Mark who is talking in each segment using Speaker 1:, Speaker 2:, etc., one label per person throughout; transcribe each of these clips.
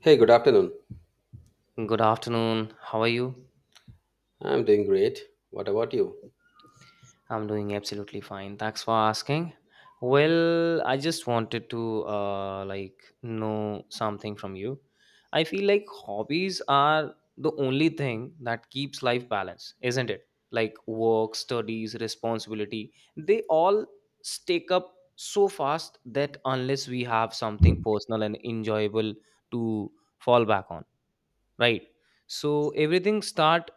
Speaker 1: Hey, good afternoon.
Speaker 2: Good afternoon. How are you?
Speaker 1: I'm doing great. What about you?
Speaker 2: I'm doing absolutely fine. Thanks for asking. Well, I just wanted to know something from you. I feel like hobbies are the only thing that keeps life balanced, isn't it? Like work, studies, responsibility, they all stake up so fast that unless we have something personal and enjoyable to fall back on, right? So everything start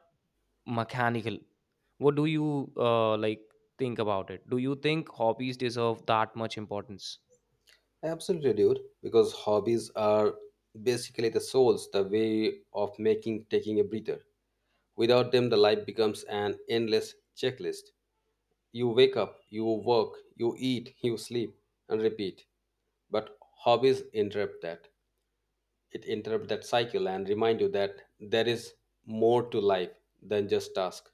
Speaker 2: mechanical. What do you think about it? Do you think hobbies deserve that much importance?
Speaker 1: Absolutely, dude. Because hobbies are basically the souls, the way of making taking a breather. Without them, the life becomes an endless checklist. You wake up, you work, you eat, you sleep, and repeat. But hobbies interrupt that. It interrupts that cycle and remind you that there is more to life than just task.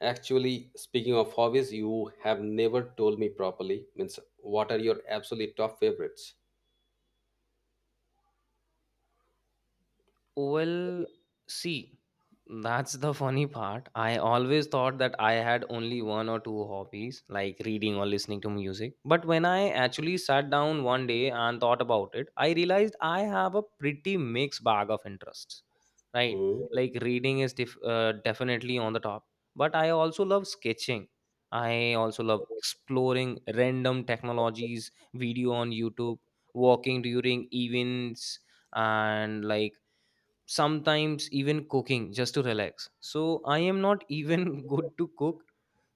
Speaker 1: Actually, speaking of hobbies, you have never told me properly. Means, what are your absolute top favorites?
Speaker 2: Well, see, that's the funny part. I always thought that I had only one or two hobbies, like reading or listening to music. But when I actually sat down one day and thought about it, I realized I have a pretty mixed bag of interests, right?
Speaker 1: Hmm.
Speaker 2: Like reading is definitely on the top, but I also love sketching. I also love exploring random technologies, video on YouTube, walking during events, and like sometimes even cooking just to relax. So I am not even good to cook,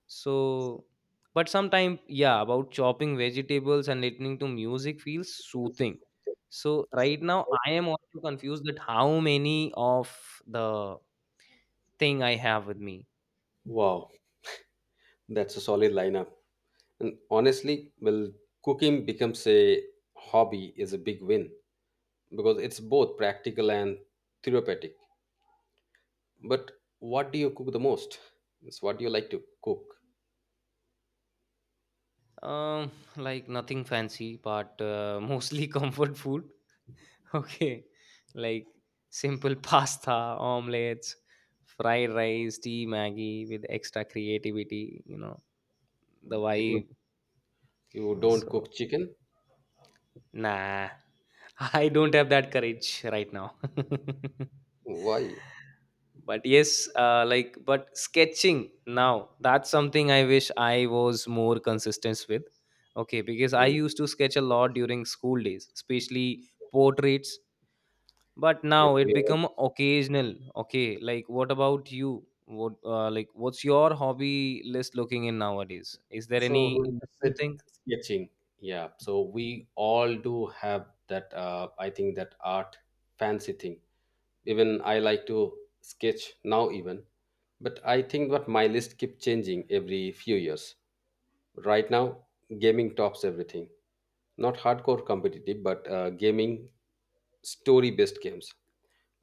Speaker 2: so. But sometimes, yeah, about chopping vegetables and listening to music feels soothing. So right now I am also confused that how many of the thing I have with me.
Speaker 1: Wow, that's a solid lineup. And honestly, well, cooking becomes a hobby is a big win because it's both practical and therapeutic. But what do you cook the most? Means, what do you like to cook?
Speaker 2: um like nothing fancy, but mostly comfort food. Okay, like simple pasta, omelets, fried rice, tea, Maggie with extra creativity, the
Speaker 1: You don't,
Speaker 2: vibe.
Speaker 1: you don't,
Speaker 2: So,
Speaker 1: cook chicken?
Speaker 2: nah, I don't have that courage right now.
Speaker 1: Why?
Speaker 2: But yes, but sketching now, that's something I wish I was more consistent with. Okay, because I
Speaker 1: Hmm.
Speaker 2: used to sketch a lot during school days, especially portraits, but
Speaker 1: Yeah,
Speaker 2: now it
Speaker 1: we all.
Speaker 2: become occasional. Okay, like what about you? What what's your hobby list looking in nowadays? Is there
Speaker 1: So
Speaker 2: any new
Speaker 1: mindset
Speaker 2: thing?
Speaker 1: sketching. Yeah. So we all do have that. I think that art fancy thing. Even I like to sketch now. Even, but I think what my list keep changing every few years. Right now, gaming tops everything. Not hardcore competitive, but gaming story based games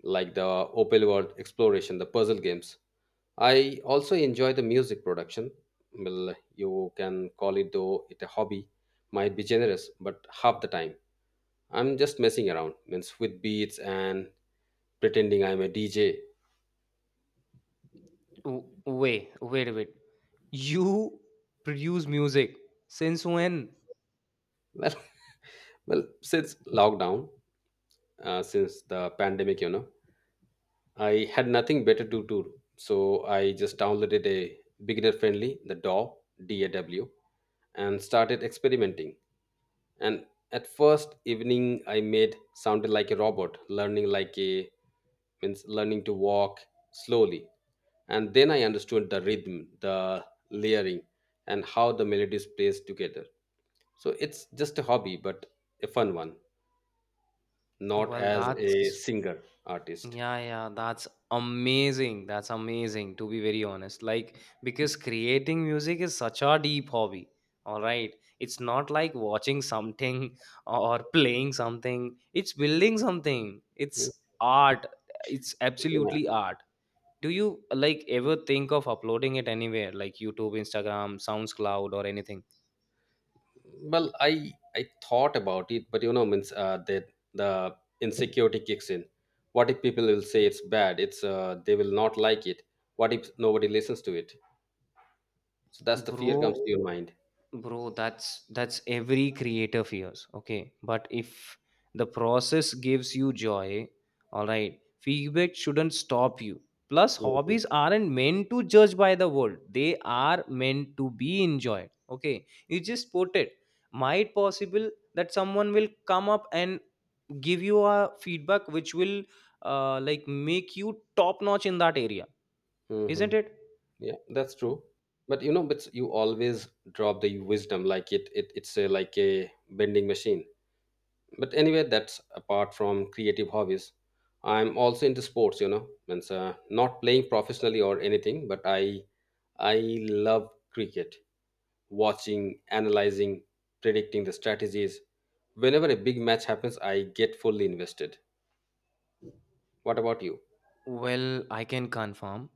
Speaker 1: like the Opal World exploration, the puzzle games. I also enjoy the music production. Well, you can call it though it a hobby, might be generous, but half the time I'm just messing around, means with beats and pretending I'm a DJ.
Speaker 2: Wait, wait, wait. You produce music since when?
Speaker 1: Well, well, since lockdown, since the pandemic, you know, I had nothing better to do, so I just downloaded a beginner-friendly, the DAW, and started experimenting. And at first evening, I made sounded like a robot, learning like a means learning to walk slowly. And then I understood the rhythm, the layering, and how the melodies plays together. So it's just a hobby, but a fun one, not
Speaker 2: Well,
Speaker 1: as a
Speaker 2: that's,
Speaker 1: singer artist.
Speaker 2: yeah, yeah, that's amazing. That's amazing, to be very honest. Like, because creating music is such a deep hobby. All right. It's not like watching something or playing something, it's building something.
Speaker 1: Mm,
Speaker 2: It's art. It's
Speaker 1: yeah.
Speaker 2: absolutely art. Do you like ever think of uploading it anywhere, like YouTube, Instagram, SoundCloud, or anything?
Speaker 1: Well, I thought about it, but means that the insecurity kicks in. What if people will say it's bad? It's They will not like it. What if nobody listens to it? So that's the fear comes
Speaker 2: Bro,
Speaker 1: to your mind.
Speaker 2: bro, that's every creator fears. Okay, but if the process gives you joy, all right, feedback shouldn't stop you. Plus hobbies aren't meant to judge by the world, they are meant to be enjoyed. Okay, you just put it, might possible that someone will come up and give you a feedback which will make you top notch in that area,
Speaker 1: Mm-hmm.
Speaker 2: isn't it?
Speaker 1: Yeah, that's true. But you always drop the wisdom like it. It's like a bending machine. But anyway, that's apart from creative hobbies. I'm also into sports, means not playing professionally or anything, but I love cricket, watching, analyzing, predicting the strategies. Whenever a big match happens, I get fully invested. What about you?
Speaker 2: Well, I can confirm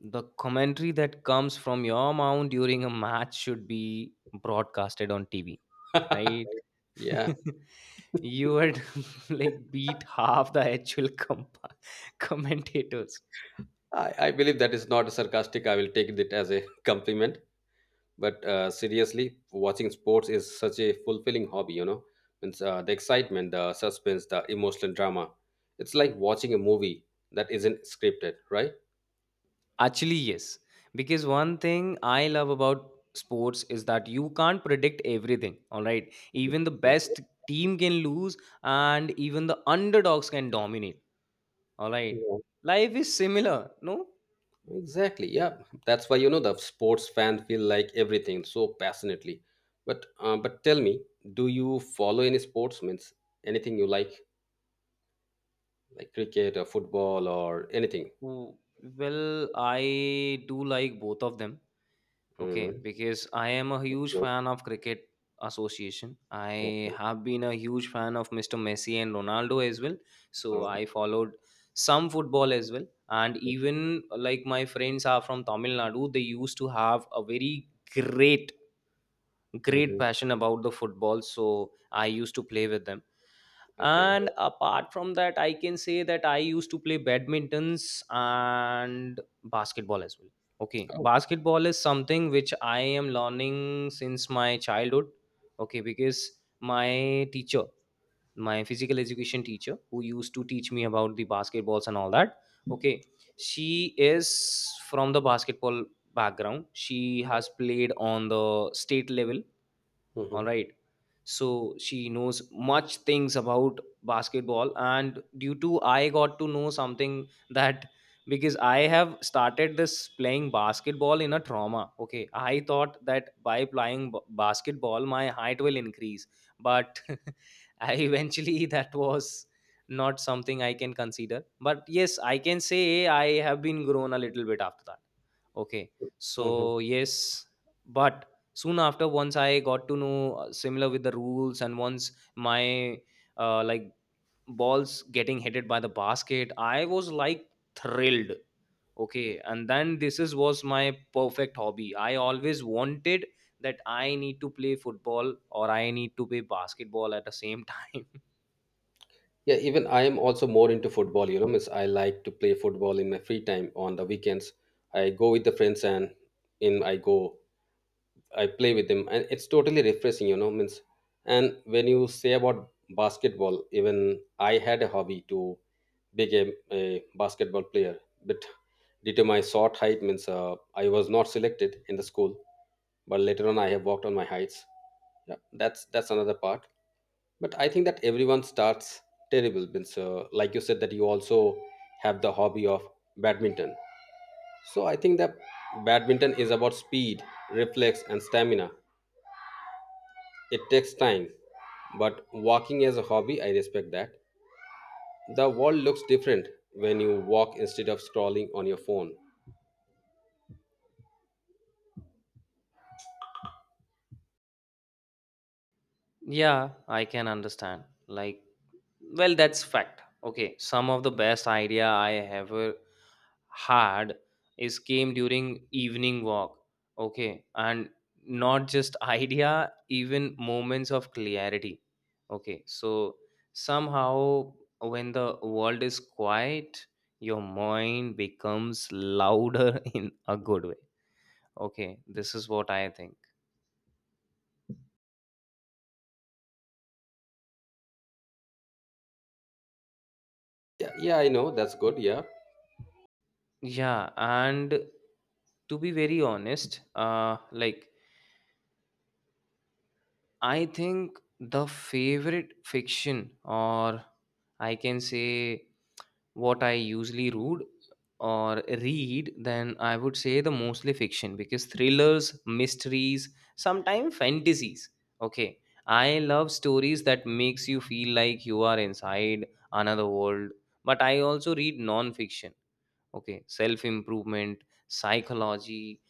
Speaker 2: the commentary that comes from your mouth during a match should be broadcasted on TV, right?
Speaker 1: Yeah.
Speaker 2: You would like beat half the actual commentators.
Speaker 1: I believe that is not sarcastic. I will take it as a compliment. But seriously, watching sports is such a fulfilling hobby. Means the excitement, the suspense, the emotional drama. It's like watching a movie that isn't scripted, right?
Speaker 2: Actually, yes, because one thing I love about sports is that you can't predict everything, all right? Even the
Speaker 1: Mhm.
Speaker 2: best team can lose, and even the underdogs can dominate, all right?
Speaker 1: Yeah.
Speaker 2: Life is similar, no?
Speaker 1: Exactly, yeah. That's why, the sports fan feel like everything so passionately. But but tell me, do you follow any sports? Means anything you like cricket or football or anything?
Speaker 2: Oh, well, I do like both of them. Okay,
Speaker 1: Mm-hmm.
Speaker 2: because I am a huge fan of cricket association. I
Speaker 1: Okay.
Speaker 2: have been a huge fan of Mr. Messi and Ronaldo as well. So
Speaker 1: Oh,
Speaker 2: I followed some football as well. And even like my friends are from Tamil Nadu, they used to have a very great great
Speaker 1: mhm.
Speaker 2: passion about the football, so I used to play with them.
Speaker 1: Okay.
Speaker 2: And apart from that, I can say that I used to play badmintons and basketball as well. Okay,
Speaker 1: Oh.
Speaker 2: basketball is something which I am learning since my childhood. Okay, because my teacher, my physical education teacher, who used to teach me about the basketballs and all that, okay, she is from the basketball background. She has played on the state level, all right? So she knows much things about basketball. And due to, I got to know something that because I have started this playing basketball in a trauma. Okay, I thought that by playing basketball my height will increase, but I eventually, that was not something I can consider, but yes, I can say I have been grown a little bit after that. Okay,
Speaker 1: Mhm.
Speaker 2: so yes. But soon after, once I got to know similar with the rules, and once my uh, like balls getting hit by the basket, I was like thrilled. Okay, and then this is was my perfect hobby. I always wanted that I need to play football or I need to play basketball at the same time.
Speaker 1: Yeah, even I am also more into football, miss. I like to play football in my free time on the weekends. I go with the friends and in I go, I play with them, and it's totally refreshing, means. And when you say about basketball, even I had a hobby to become a basketball player, but due to my short height, means I was not selected in the school, but later on I have worked on my heights. Yeah, that's another part. But I think that everyone starts terrible. Means like you said that you also have the hobby of badminton. So I think that badminton is about speed, reflex, and stamina. It takes time. But walking as a hobby, I respect that. The world looks different when you walk instead of scrolling on your phone.
Speaker 2: Yeah, I can understand. Like, well, that's fact. Okay, some of the best idea I ever had is came during evening walk. Okay, and not just idea, even moments of clarity. Okay, so somehow when the world is quiet, your mind becomes louder in a good way. Okay, this is what I think.
Speaker 1: Yeah, yeah, I know. That's good, yeah.
Speaker 2: Yeah, and to be very honest, I think the favorite fiction, or I can say what I usually read or read, then I would say the mostly fiction, because thrillers, mysteries, sometimes fantasies. Okay, I love stories that makes you feel like you are inside another world. But I also read non-fiction. Okay, self improvement, psychology,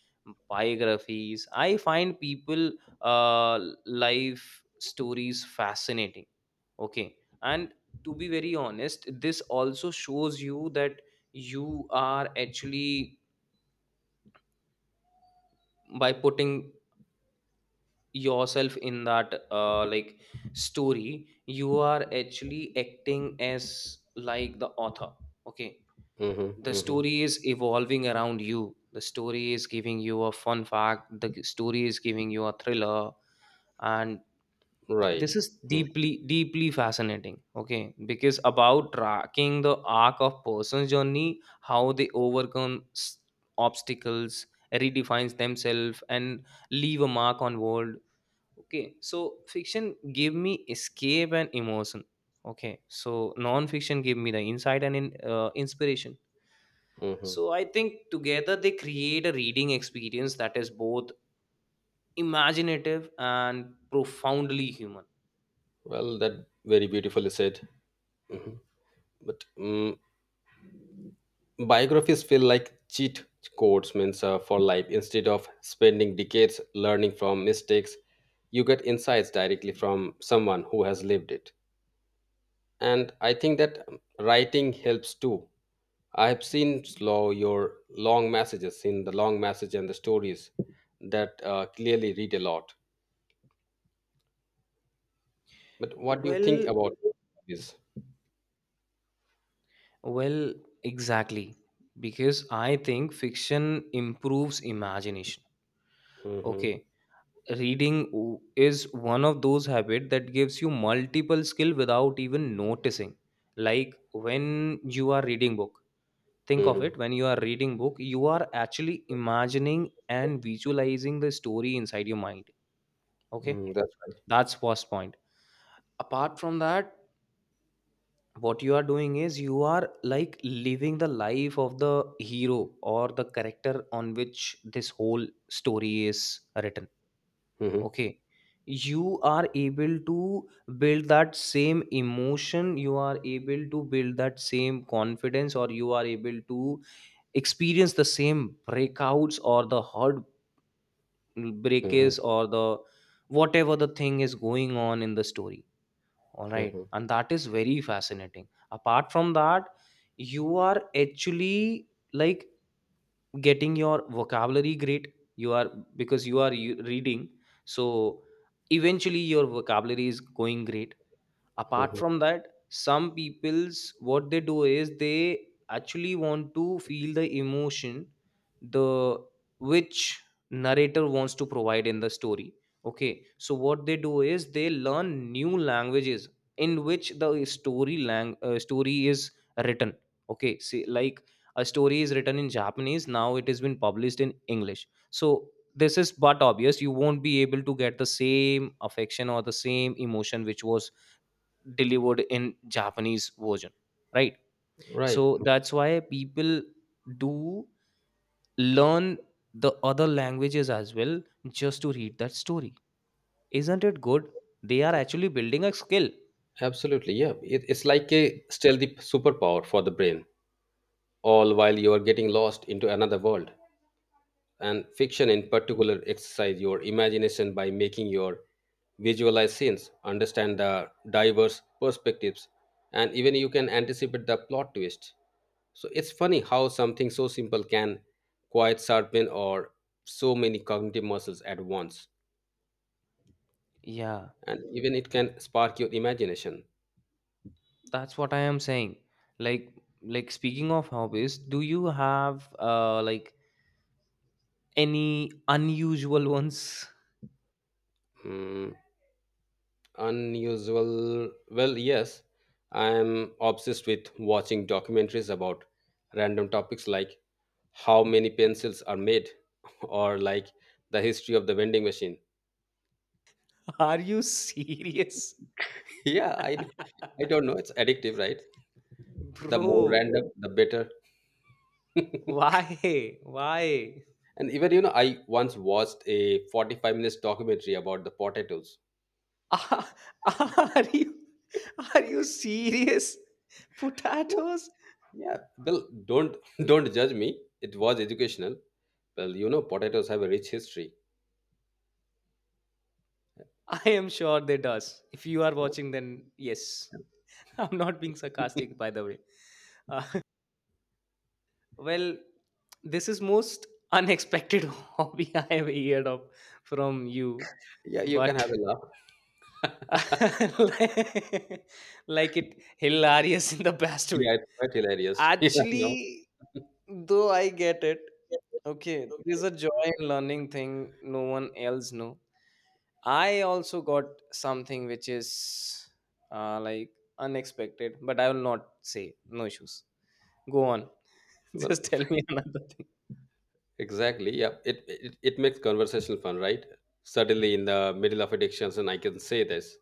Speaker 2: biographies. I find people, uh, life stories fascinating. Okay, and to be very honest, this also shows you that you are actually, by putting yourself in that story, you are actually acting as like the author. Okay,
Speaker 1: Mm-hmm,
Speaker 2: the
Speaker 1: mm-hmm.
Speaker 2: story is evolving around you, the story is giving you a fun fact, the story is giving you a thriller, and
Speaker 1: Right.
Speaker 2: this is
Speaker 1: Mm-hmm.
Speaker 2: deeply deeply fascinating. Okay, because about tracking the arc of person's journey, how they overcome obstacles, redefines themselves and leave a mark on world. Okay, so fiction give me escape and emotion. Okay, so non-fiction give me the insight and inspiration.
Speaker 1: Mm-hmm.
Speaker 2: So I think together they create a reading experience that is both imaginative and profoundly human.
Speaker 1: Well, that very beautifully said. Hmm. But biographies feel like cheat codes. Means for life, instead of spending decades learning from mistakes, you get insights directly from someone who has lived it. And I think that writing helps too. I have seen slow your long messages in the long message and the stories that clearly read a lot. But what do you think
Speaker 2: Well,
Speaker 1: about this?
Speaker 2: well, exactly. Because I think fiction improves imagination.
Speaker 1: Mm-hmm.
Speaker 2: Okay, reading is one of those habits that gives you multiple skill without even noticing. Like when you are reading book, think of
Speaker 1: Mm-hmm.
Speaker 2: it, when you are reading book, you are actually imagining and visualizing the story inside your mind. Okay,
Speaker 1: Mm, that's right.
Speaker 2: that's first point. Apart from that, what you are doing is you are like living the life of the hero or the character on which this whole story is written.
Speaker 1: Mm-hmm.
Speaker 2: Okay, you are able to build that same emotion, you are able to build that same confidence, or you are able to experience the same breakouts or the heart
Speaker 1: Mm-hmm.
Speaker 2: breakers or the whatever the thing is going on in the story. All right.
Speaker 1: Mm-hmm.
Speaker 2: And that is very fascinating. Apart from that, you are actually like getting your vocabulary great. You are, because you are reading. So eventually your vocabulary is going great. Apart
Speaker 1: Mm-hmm.
Speaker 2: from that, some people's, what they do is they actually want to feel the emotion, the which narrator wants to provide in the story. Okay, so what they do is they learn new languages in which the story is written. Okay, see, like a story is written in Japanese, now it has been published in English, so this is but obvious you won't be able to get the same affection or the same emotion which was delivered in Japanese version, right?
Speaker 1: Right.
Speaker 2: So that's why people do learn the other languages as well, just to read that story. Isn't it good? They are actually building a skill.
Speaker 1: Absolutely, yeah. It's like a stealthy superpower for the brain, all while you are getting lost into another world. And fiction, in particular, exercise your imagination by making your visualize scenes, understand the diverse perspectives, and even you can anticipate the plot twist. So it's funny how something so simple can quite sharpen or so many cognitive muscles at once,
Speaker 2: Yeah,
Speaker 1: and even it can spark your imagination.
Speaker 2: that's what I am saying. like like speaking of hobbies, do you have any unusual ones?
Speaker 1: Hmm, unusual, well, yes. I am obsessed with watching documentaries about random topics, like how many pencils are made or like the history of the vending machine.
Speaker 2: Are you serious?
Speaker 1: Yeah, I don't know, it's addictive, right? The more
Speaker 2: Bro,
Speaker 1: random, the better.
Speaker 2: why, why?
Speaker 1: And even I once watched a 45 minutes documentary about the potatoes.
Speaker 2: Are you, are you serious? Potatoes?
Speaker 1: Yeah. Well, don't don't judge me, it was educational. Well, potatoes have a rich history.
Speaker 2: I am sure they does. If you are watching, then yes. I'm not being sarcastic, by the way. Uh, well, this is most unexpected hobby I have heard of from you,
Speaker 1: Yeah, you can
Speaker 2: but
Speaker 1: have a laugh.
Speaker 2: like it hilarious in the best
Speaker 1: Yeah,
Speaker 2: way.
Speaker 1: it's quite hilarious. Yeah, I know.
Speaker 2: Actually, though I get it.
Speaker 1: Yeah,
Speaker 2: Okay,
Speaker 1: okay.
Speaker 2: there's a joy in learning thing no one else know. I also got something which is uh, like unexpected, but I will not say. No issues. Go on.
Speaker 1: Well,
Speaker 2: Just tell me another thing.
Speaker 1: exactly. Yeah, it makes conversation fun, right? Suddenly, in the middle of addictions, and I can say this.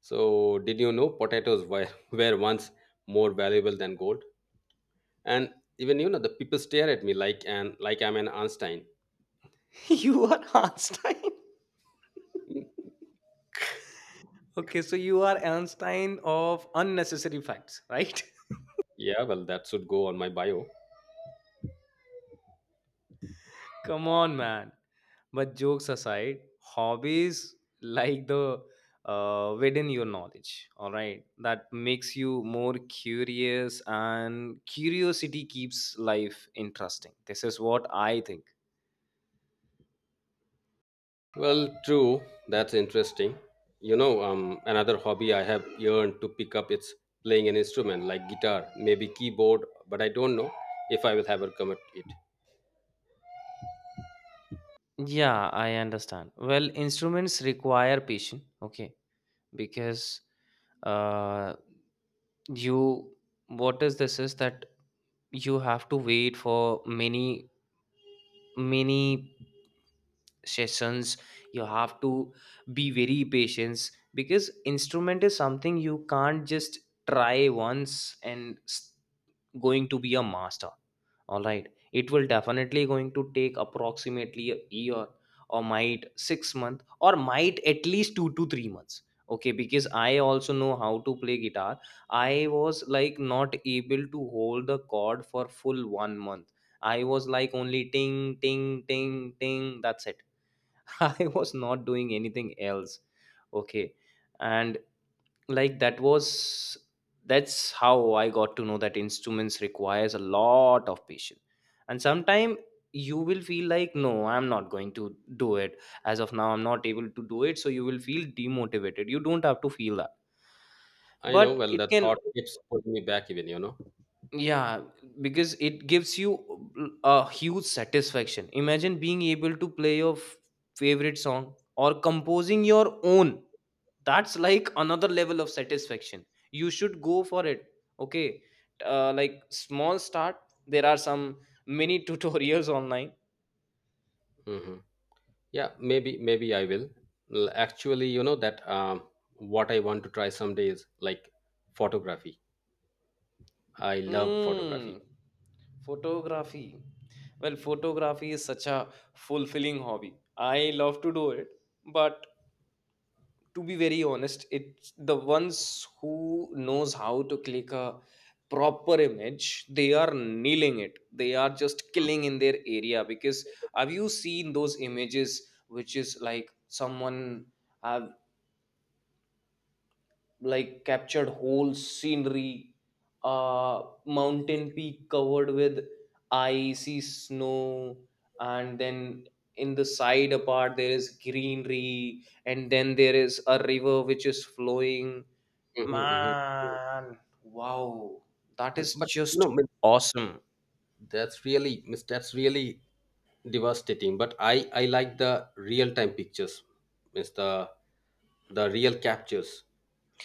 Speaker 1: So, did you know potatoes were were once more valuable than gold? And even the people stare at me like, and like I'm an Einstein.
Speaker 2: You are Einstein.
Speaker 1: Hmm.
Speaker 2: Okay, so you are Einstein of unnecessary facts, right?
Speaker 1: Yeah, well, that should go on my bio.
Speaker 2: Come on, man. But jokes aside, hobbies like the widen your knowledge, all right? That makes you more curious, and curiosity keeps life interesting. This is what I think.
Speaker 1: Well, true. That's interesting. Another hobby I have yearned to pick up is playing an instrument, like guitar, maybe keyboard, but I don't know if I will ever commit it.
Speaker 2: Yeah, I understand. Well, instruments require patience, okay? Because uh, you, what is this is that you have to wait for many, many sessions. You have to be very patient because instrument is something you can't just try once and s- going to be a master. All right, it will definitely going to take approximately a year, or might 6 month, or might at least 2 to 3 months. Okay, because I also know how to play guitar. I was like not able to hold the chord for full 1 month. I was like only ting ting ting ting, that's it. I was not doing anything else. Okay. And like that's how I got to know that instruments requires a lot of patience. And sometime you will feel like no, I'm not going to do it. As of now, I'm not able to do it. So you will feel demotivated. You don't have to feel that.
Speaker 1: I know.
Speaker 2: But
Speaker 1: Well, the
Speaker 2: it can,
Speaker 1: thought keeps pulling me back. Even you know.
Speaker 2: yeah, because it gives you a huge satisfaction. Imagine being able to play your favorite song, or composing your own. That's like another level of satisfaction. You should go for it. Okay, like small start. There are some mini tutorials online.
Speaker 1: Mm-hmm. Yeah, maybe I will. Actually, you know that what I want to try someday is like photography. I love photography.
Speaker 2: mm, Photography. Well, photography is such a fulfilling hobby. I love to do it. But to be very honest, it's the ones who knows how to click a proper image. They are nailing it. They are just killing in their area. Because have you seen those images, which is like someone have like captured whole scenery, mountain peak covered with icy snow, and then in the side apart there is greenery, and then there is a river which is flowing.
Speaker 1: Hmm. Hmm.
Speaker 2: Man, wow, that
Speaker 1: And
Speaker 2: is
Speaker 1: but you
Speaker 2: just
Speaker 1: know
Speaker 2: awesome.
Speaker 1: that's really miss. That's really devastating. But I like the real time pictures, miss the real captures.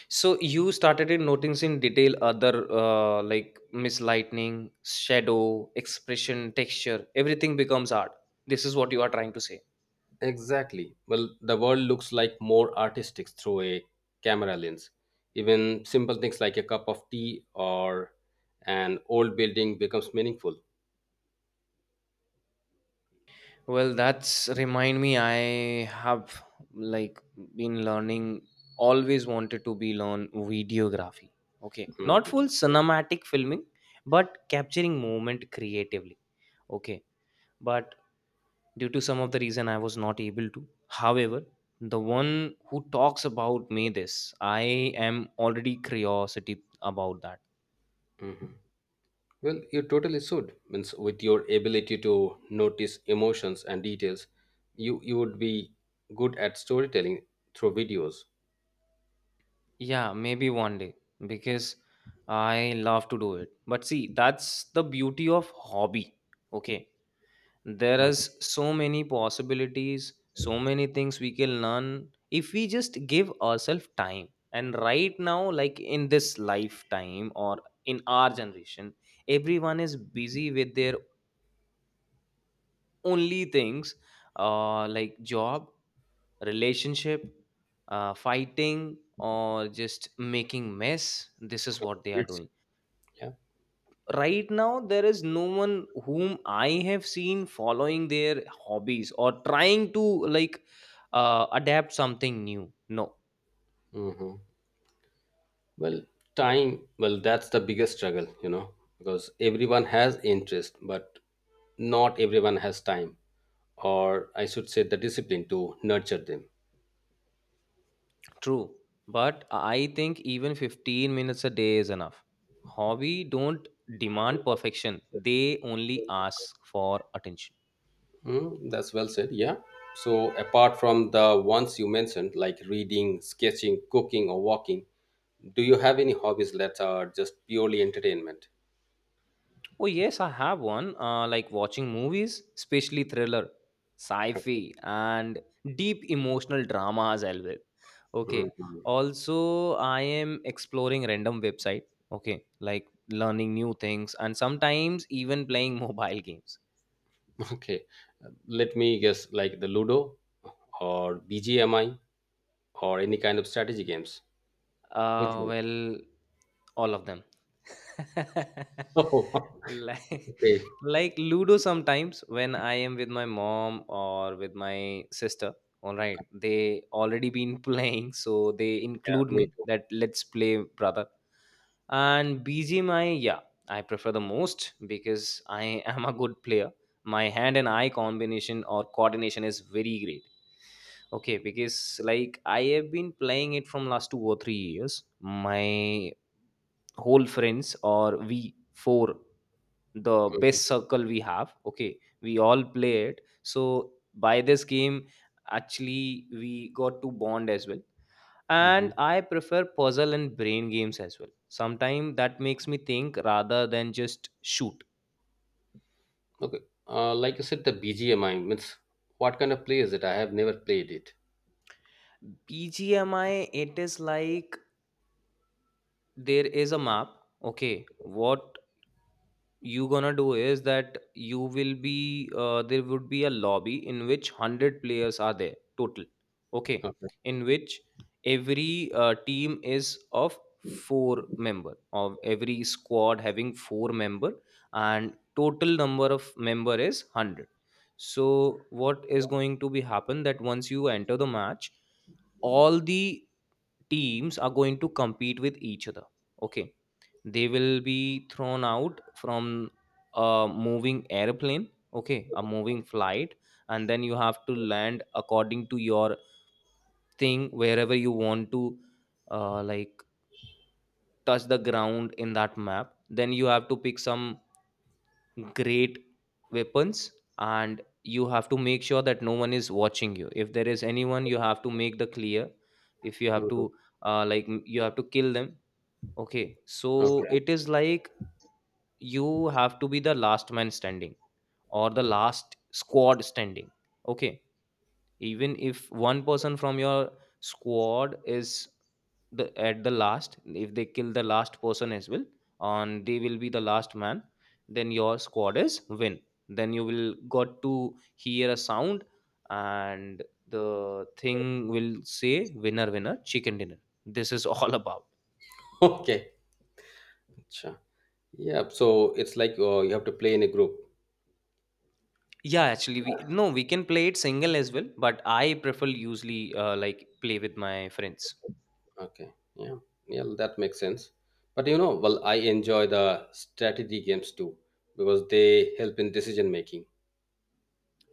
Speaker 2: So you started in noticing detail other, like mislightning, shadow, expression, texture, everything becomes art. This is what you are trying to say.
Speaker 1: Exactly. Well, the world looks like more artistic through a camera lens. Even simple things like a cup of tea or an old building becomes meaningful.
Speaker 2: Well, that's remind me. I have like been learning. Always wanted to be learn videography. Okay, not
Speaker 1: Hmm.
Speaker 2: full cinematic filming, but capturing moment creatively. Okay, but due to some of the reason, I was not able to. However, the one who talks about me this, I am already curiosity about that.
Speaker 1: Mm-hmm. Well, you totally should. Means with your ability to notice emotions and details, you would be good at storytelling through videos.
Speaker 2: Yeah, maybe one day, because I love to do it. But see, that's the beauty of hobby. Okay. There is so many possibilities, so many things we can learn if we just give ourselves time. And right now, like in this lifetime or in our generation, everyone is busy with their only things, like job, relationship, fighting, or just making mess. This is what they are
Speaker 1: It's,
Speaker 2: doing
Speaker 1: yeah.
Speaker 2: right now. There is no one whom I have seen following their hobbies, or trying to like adapt something new. No.
Speaker 1: Hmm. Well, time. Well, that's the biggest struggle. Because everyone has interest, but not everyone has time, or I should say the discipline to nurture them.
Speaker 2: True. But I think even 15 minutes a day is enough. Hobby don't demand perfection, they only ask for attention.
Speaker 1: Mm, that's well said, yeah. So, apart from the ones you mentioned, like reading, sketching, cooking, or walking, do you have any hobbies that are just purely entertainment?
Speaker 2: Oh yes, I have one. Like watching movies, especially thriller, sci-fi, and deep emotional dramas. I will. Okay.
Speaker 1: Mhm.
Speaker 2: Also, I am exploring random website. Okay, like learning new things, and sometimes even playing mobile games.
Speaker 1: Okay, let me guess, like the ludo or bgmi or any kind of strategy games? Which one?
Speaker 2: Well, all of them.
Speaker 1: Oh,
Speaker 2: like,
Speaker 1: okay.
Speaker 2: like Ludo sometimes when I am with my mom or with my sister. All right, they already been playing, so they
Speaker 1: Yeah,
Speaker 2: include
Speaker 1: me
Speaker 2: me
Speaker 1: too.
Speaker 2: that let's play, brother. And BGMI, yeah, I prefer the most because I am a good player. My hand and eye combination or coordination is very great. Okay, because like I have been playing it from last 2 or 3 years. My whole friends or we four, the best circle we have. Okay, we all play it. So by this game, actually we got to bond as well.
Speaker 1: Mm-hmm.
Speaker 2: And I prefer puzzle and brain games as well. Sometimes that makes me think rather than just shoot.
Speaker 1: Okay. Like you said, the BGMI means what kind of play is it? I have never played it.
Speaker 2: BGMI, it is like there is a map. Okay, what you gonna do is that you will be there would be a lobby in which 100 players are there total. Okay,
Speaker 1: Okay.
Speaker 2: in which every team is of four member, of every squad having four member, and total number of member is 100. So what is going to be happen that once you enter the match, all the teams are going to compete with each other. Okay, they will be thrown out from a moving airplane, okay, a moving flight. And then you have to land according to your thing, wherever you want to like touch the ground in that map. Then you have to pick some great weapons, and you have to make sure that no one is watching you. If there is anyone, you have to make the clear. If you have
Speaker 1: Mhm.
Speaker 2: to like you have to kill them. Okay, so
Speaker 1: Okay.
Speaker 2: it is like you have to be the last man standing, or the last squad standing. Okay, even if one person from your squad is the at the last, if they kill the last person as well, and they will be the last man, then your squad is win. Then you will got to hear a sound, and the thing will say winner, winner, chicken dinner. This is all about.
Speaker 1: Okay. Acha. Yeah. So it's like you have to play in a group.
Speaker 2: Yeah, actually, we no, we can play it single as well, but I prefer usually like play with my friends.
Speaker 1: Okay. Yeah. Yeah. That makes sense. But you know, well, I enjoy the strategy games too because they help in decision making.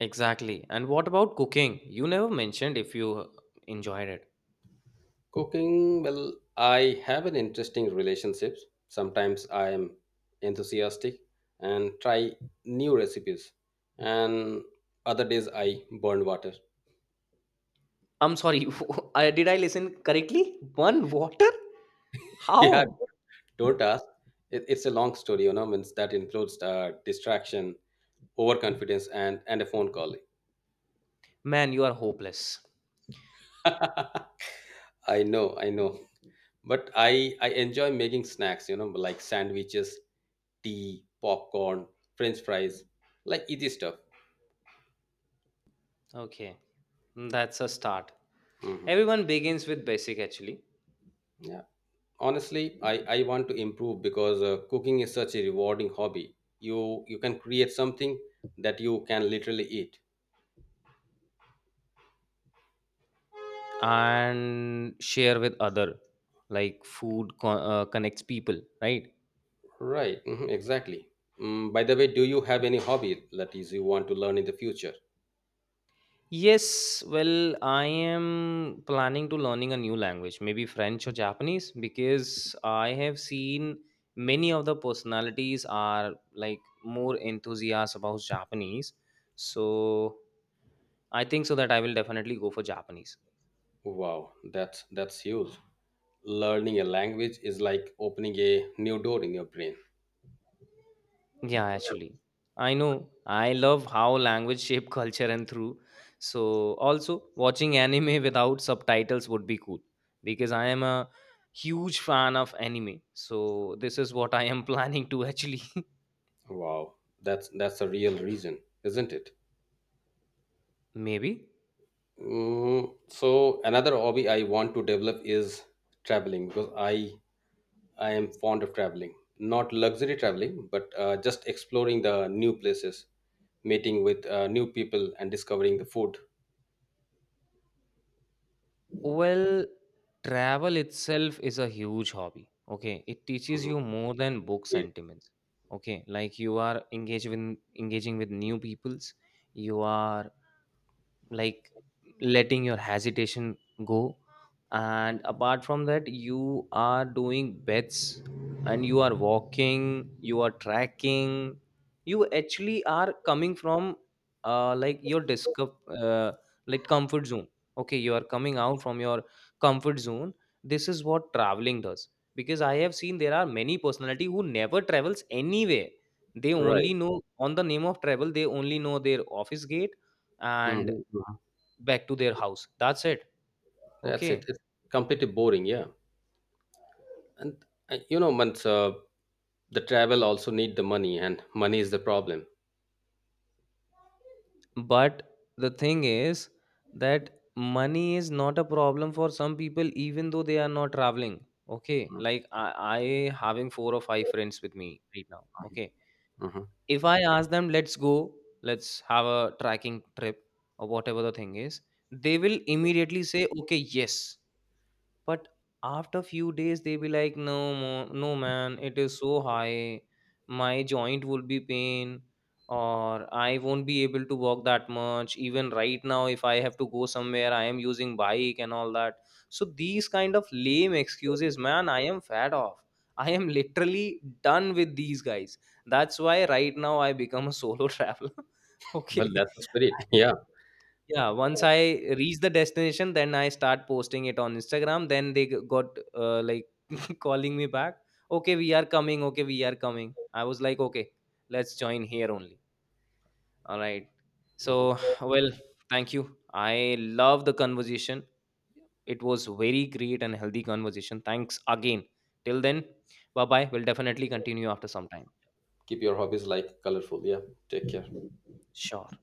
Speaker 2: Exactly. And what about cooking? You never mentioned if you enjoyed it.
Speaker 1: Cooking, well, I have an interesting relationship. Sometimes I am enthusiastic and try new recipes, and other days I burn water.
Speaker 2: I'm sorry, did I listen correctly? One water?
Speaker 1: Yeah,
Speaker 2: How?
Speaker 1: don't ask. It's a long story, you know, means that includes distraction, overconfidence, and a phone call.
Speaker 2: Man, you are hopeless.
Speaker 1: I know, I know. But I enjoy making snacks, like sandwiches, tea, popcorn, French fries, like easy stuff.
Speaker 2: Okay, that's a start.
Speaker 1: Hmm.
Speaker 2: Everyone begins with basic actually,
Speaker 1: Yeah. Honestly, I want to improve, because cooking is such a rewarding hobby. You can create something that you can literally eat.
Speaker 2: and share with other. Like food connects people, right?
Speaker 1: Right. Mhm, exactly. By the way, do you have any hobby that is you want to learn in the future?
Speaker 2: Yes, well, I am planning to learning a new language, maybe French or Japanese, because I have seen many of the personalities are like more enthusiast about Japanese. So I think so that I will definitely go for Japanese.
Speaker 1: Wow, that's huge. Learning a language is like opening a new door in your brain.
Speaker 2: Yeah, actually. I know. I love how language shape culture and through. So also watching anime without subtitles would be cool, because I am a huge fan of anime. So this is what I am planning to actually
Speaker 1: Wow, that's a real reason, isn't it?
Speaker 2: maybe.
Speaker 1: Mm, so another hobby I want to develop is traveling, because I am fond of traveling, not luxury traveling, but just exploring the new places, meeting with new people, and discovering the food.
Speaker 2: Well, travel itself is a huge hobby. Okay, it teaches you more than book
Speaker 1: Indeed.
Speaker 2: sentiments. Okay, like you are engaged with engaging with new peoples, you are like letting your hesitation go, and apart from that you are doing bets, and you are walking, you are tracking. You actually are coming from like your like comfort zone. Okay, you are coming out from your comfort zone. This is what traveling does. Because I have seen there are many personality who never travels anywhere. They
Speaker 1: Right.
Speaker 2: only know on the name of travel, they only know their office gate and
Speaker 1: Mhm, mhm.
Speaker 2: back to their house, that's it.
Speaker 1: That's it.
Speaker 2: Okay.
Speaker 1: It's completely boring. Yeah, and once the travel also need the money, and money is the problem.
Speaker 2: But the thing is that money is not a problem for some people even though they are not traveling. Okay, like I having four or five friends with me right now. Okay,
Speaker 1: Mhm.
Speaker 2: if I ask them let's go, let's have a tracking trip or whatever the thing is, they will immediately say okay, yes. But after few days they be like no, no man, it is so high. My joint will be pain, or I won't be able to walk that much, even right now if I have to go somewhere I am using bike and all that. So these kind of lame excuses, man, I am fed off. I am literally done with these guys. That's why right now I become a solo traveler.
Speaker 1: Well,
Speaker 2: Okay.
Speaker 1: that's the spirit. Yeah.
Speaker 2: Yeah, once I reach the destination, then I start posting it on Instagram. Then they got like calling me back. Okay, we are coming. Okay, we are coming. I was like, okay, let's join here only. All right. So,
Speaker 1: Mhm.
Speaker 2: well, thank you. I love the conversation. It was very great and healthy conversation. Thanks again. Till then, bye bye. We'll definitely continue after some time.
Speaker 1: Keep your hobbies like colorful. Yeah. Take care.
Speaker 2: Sure.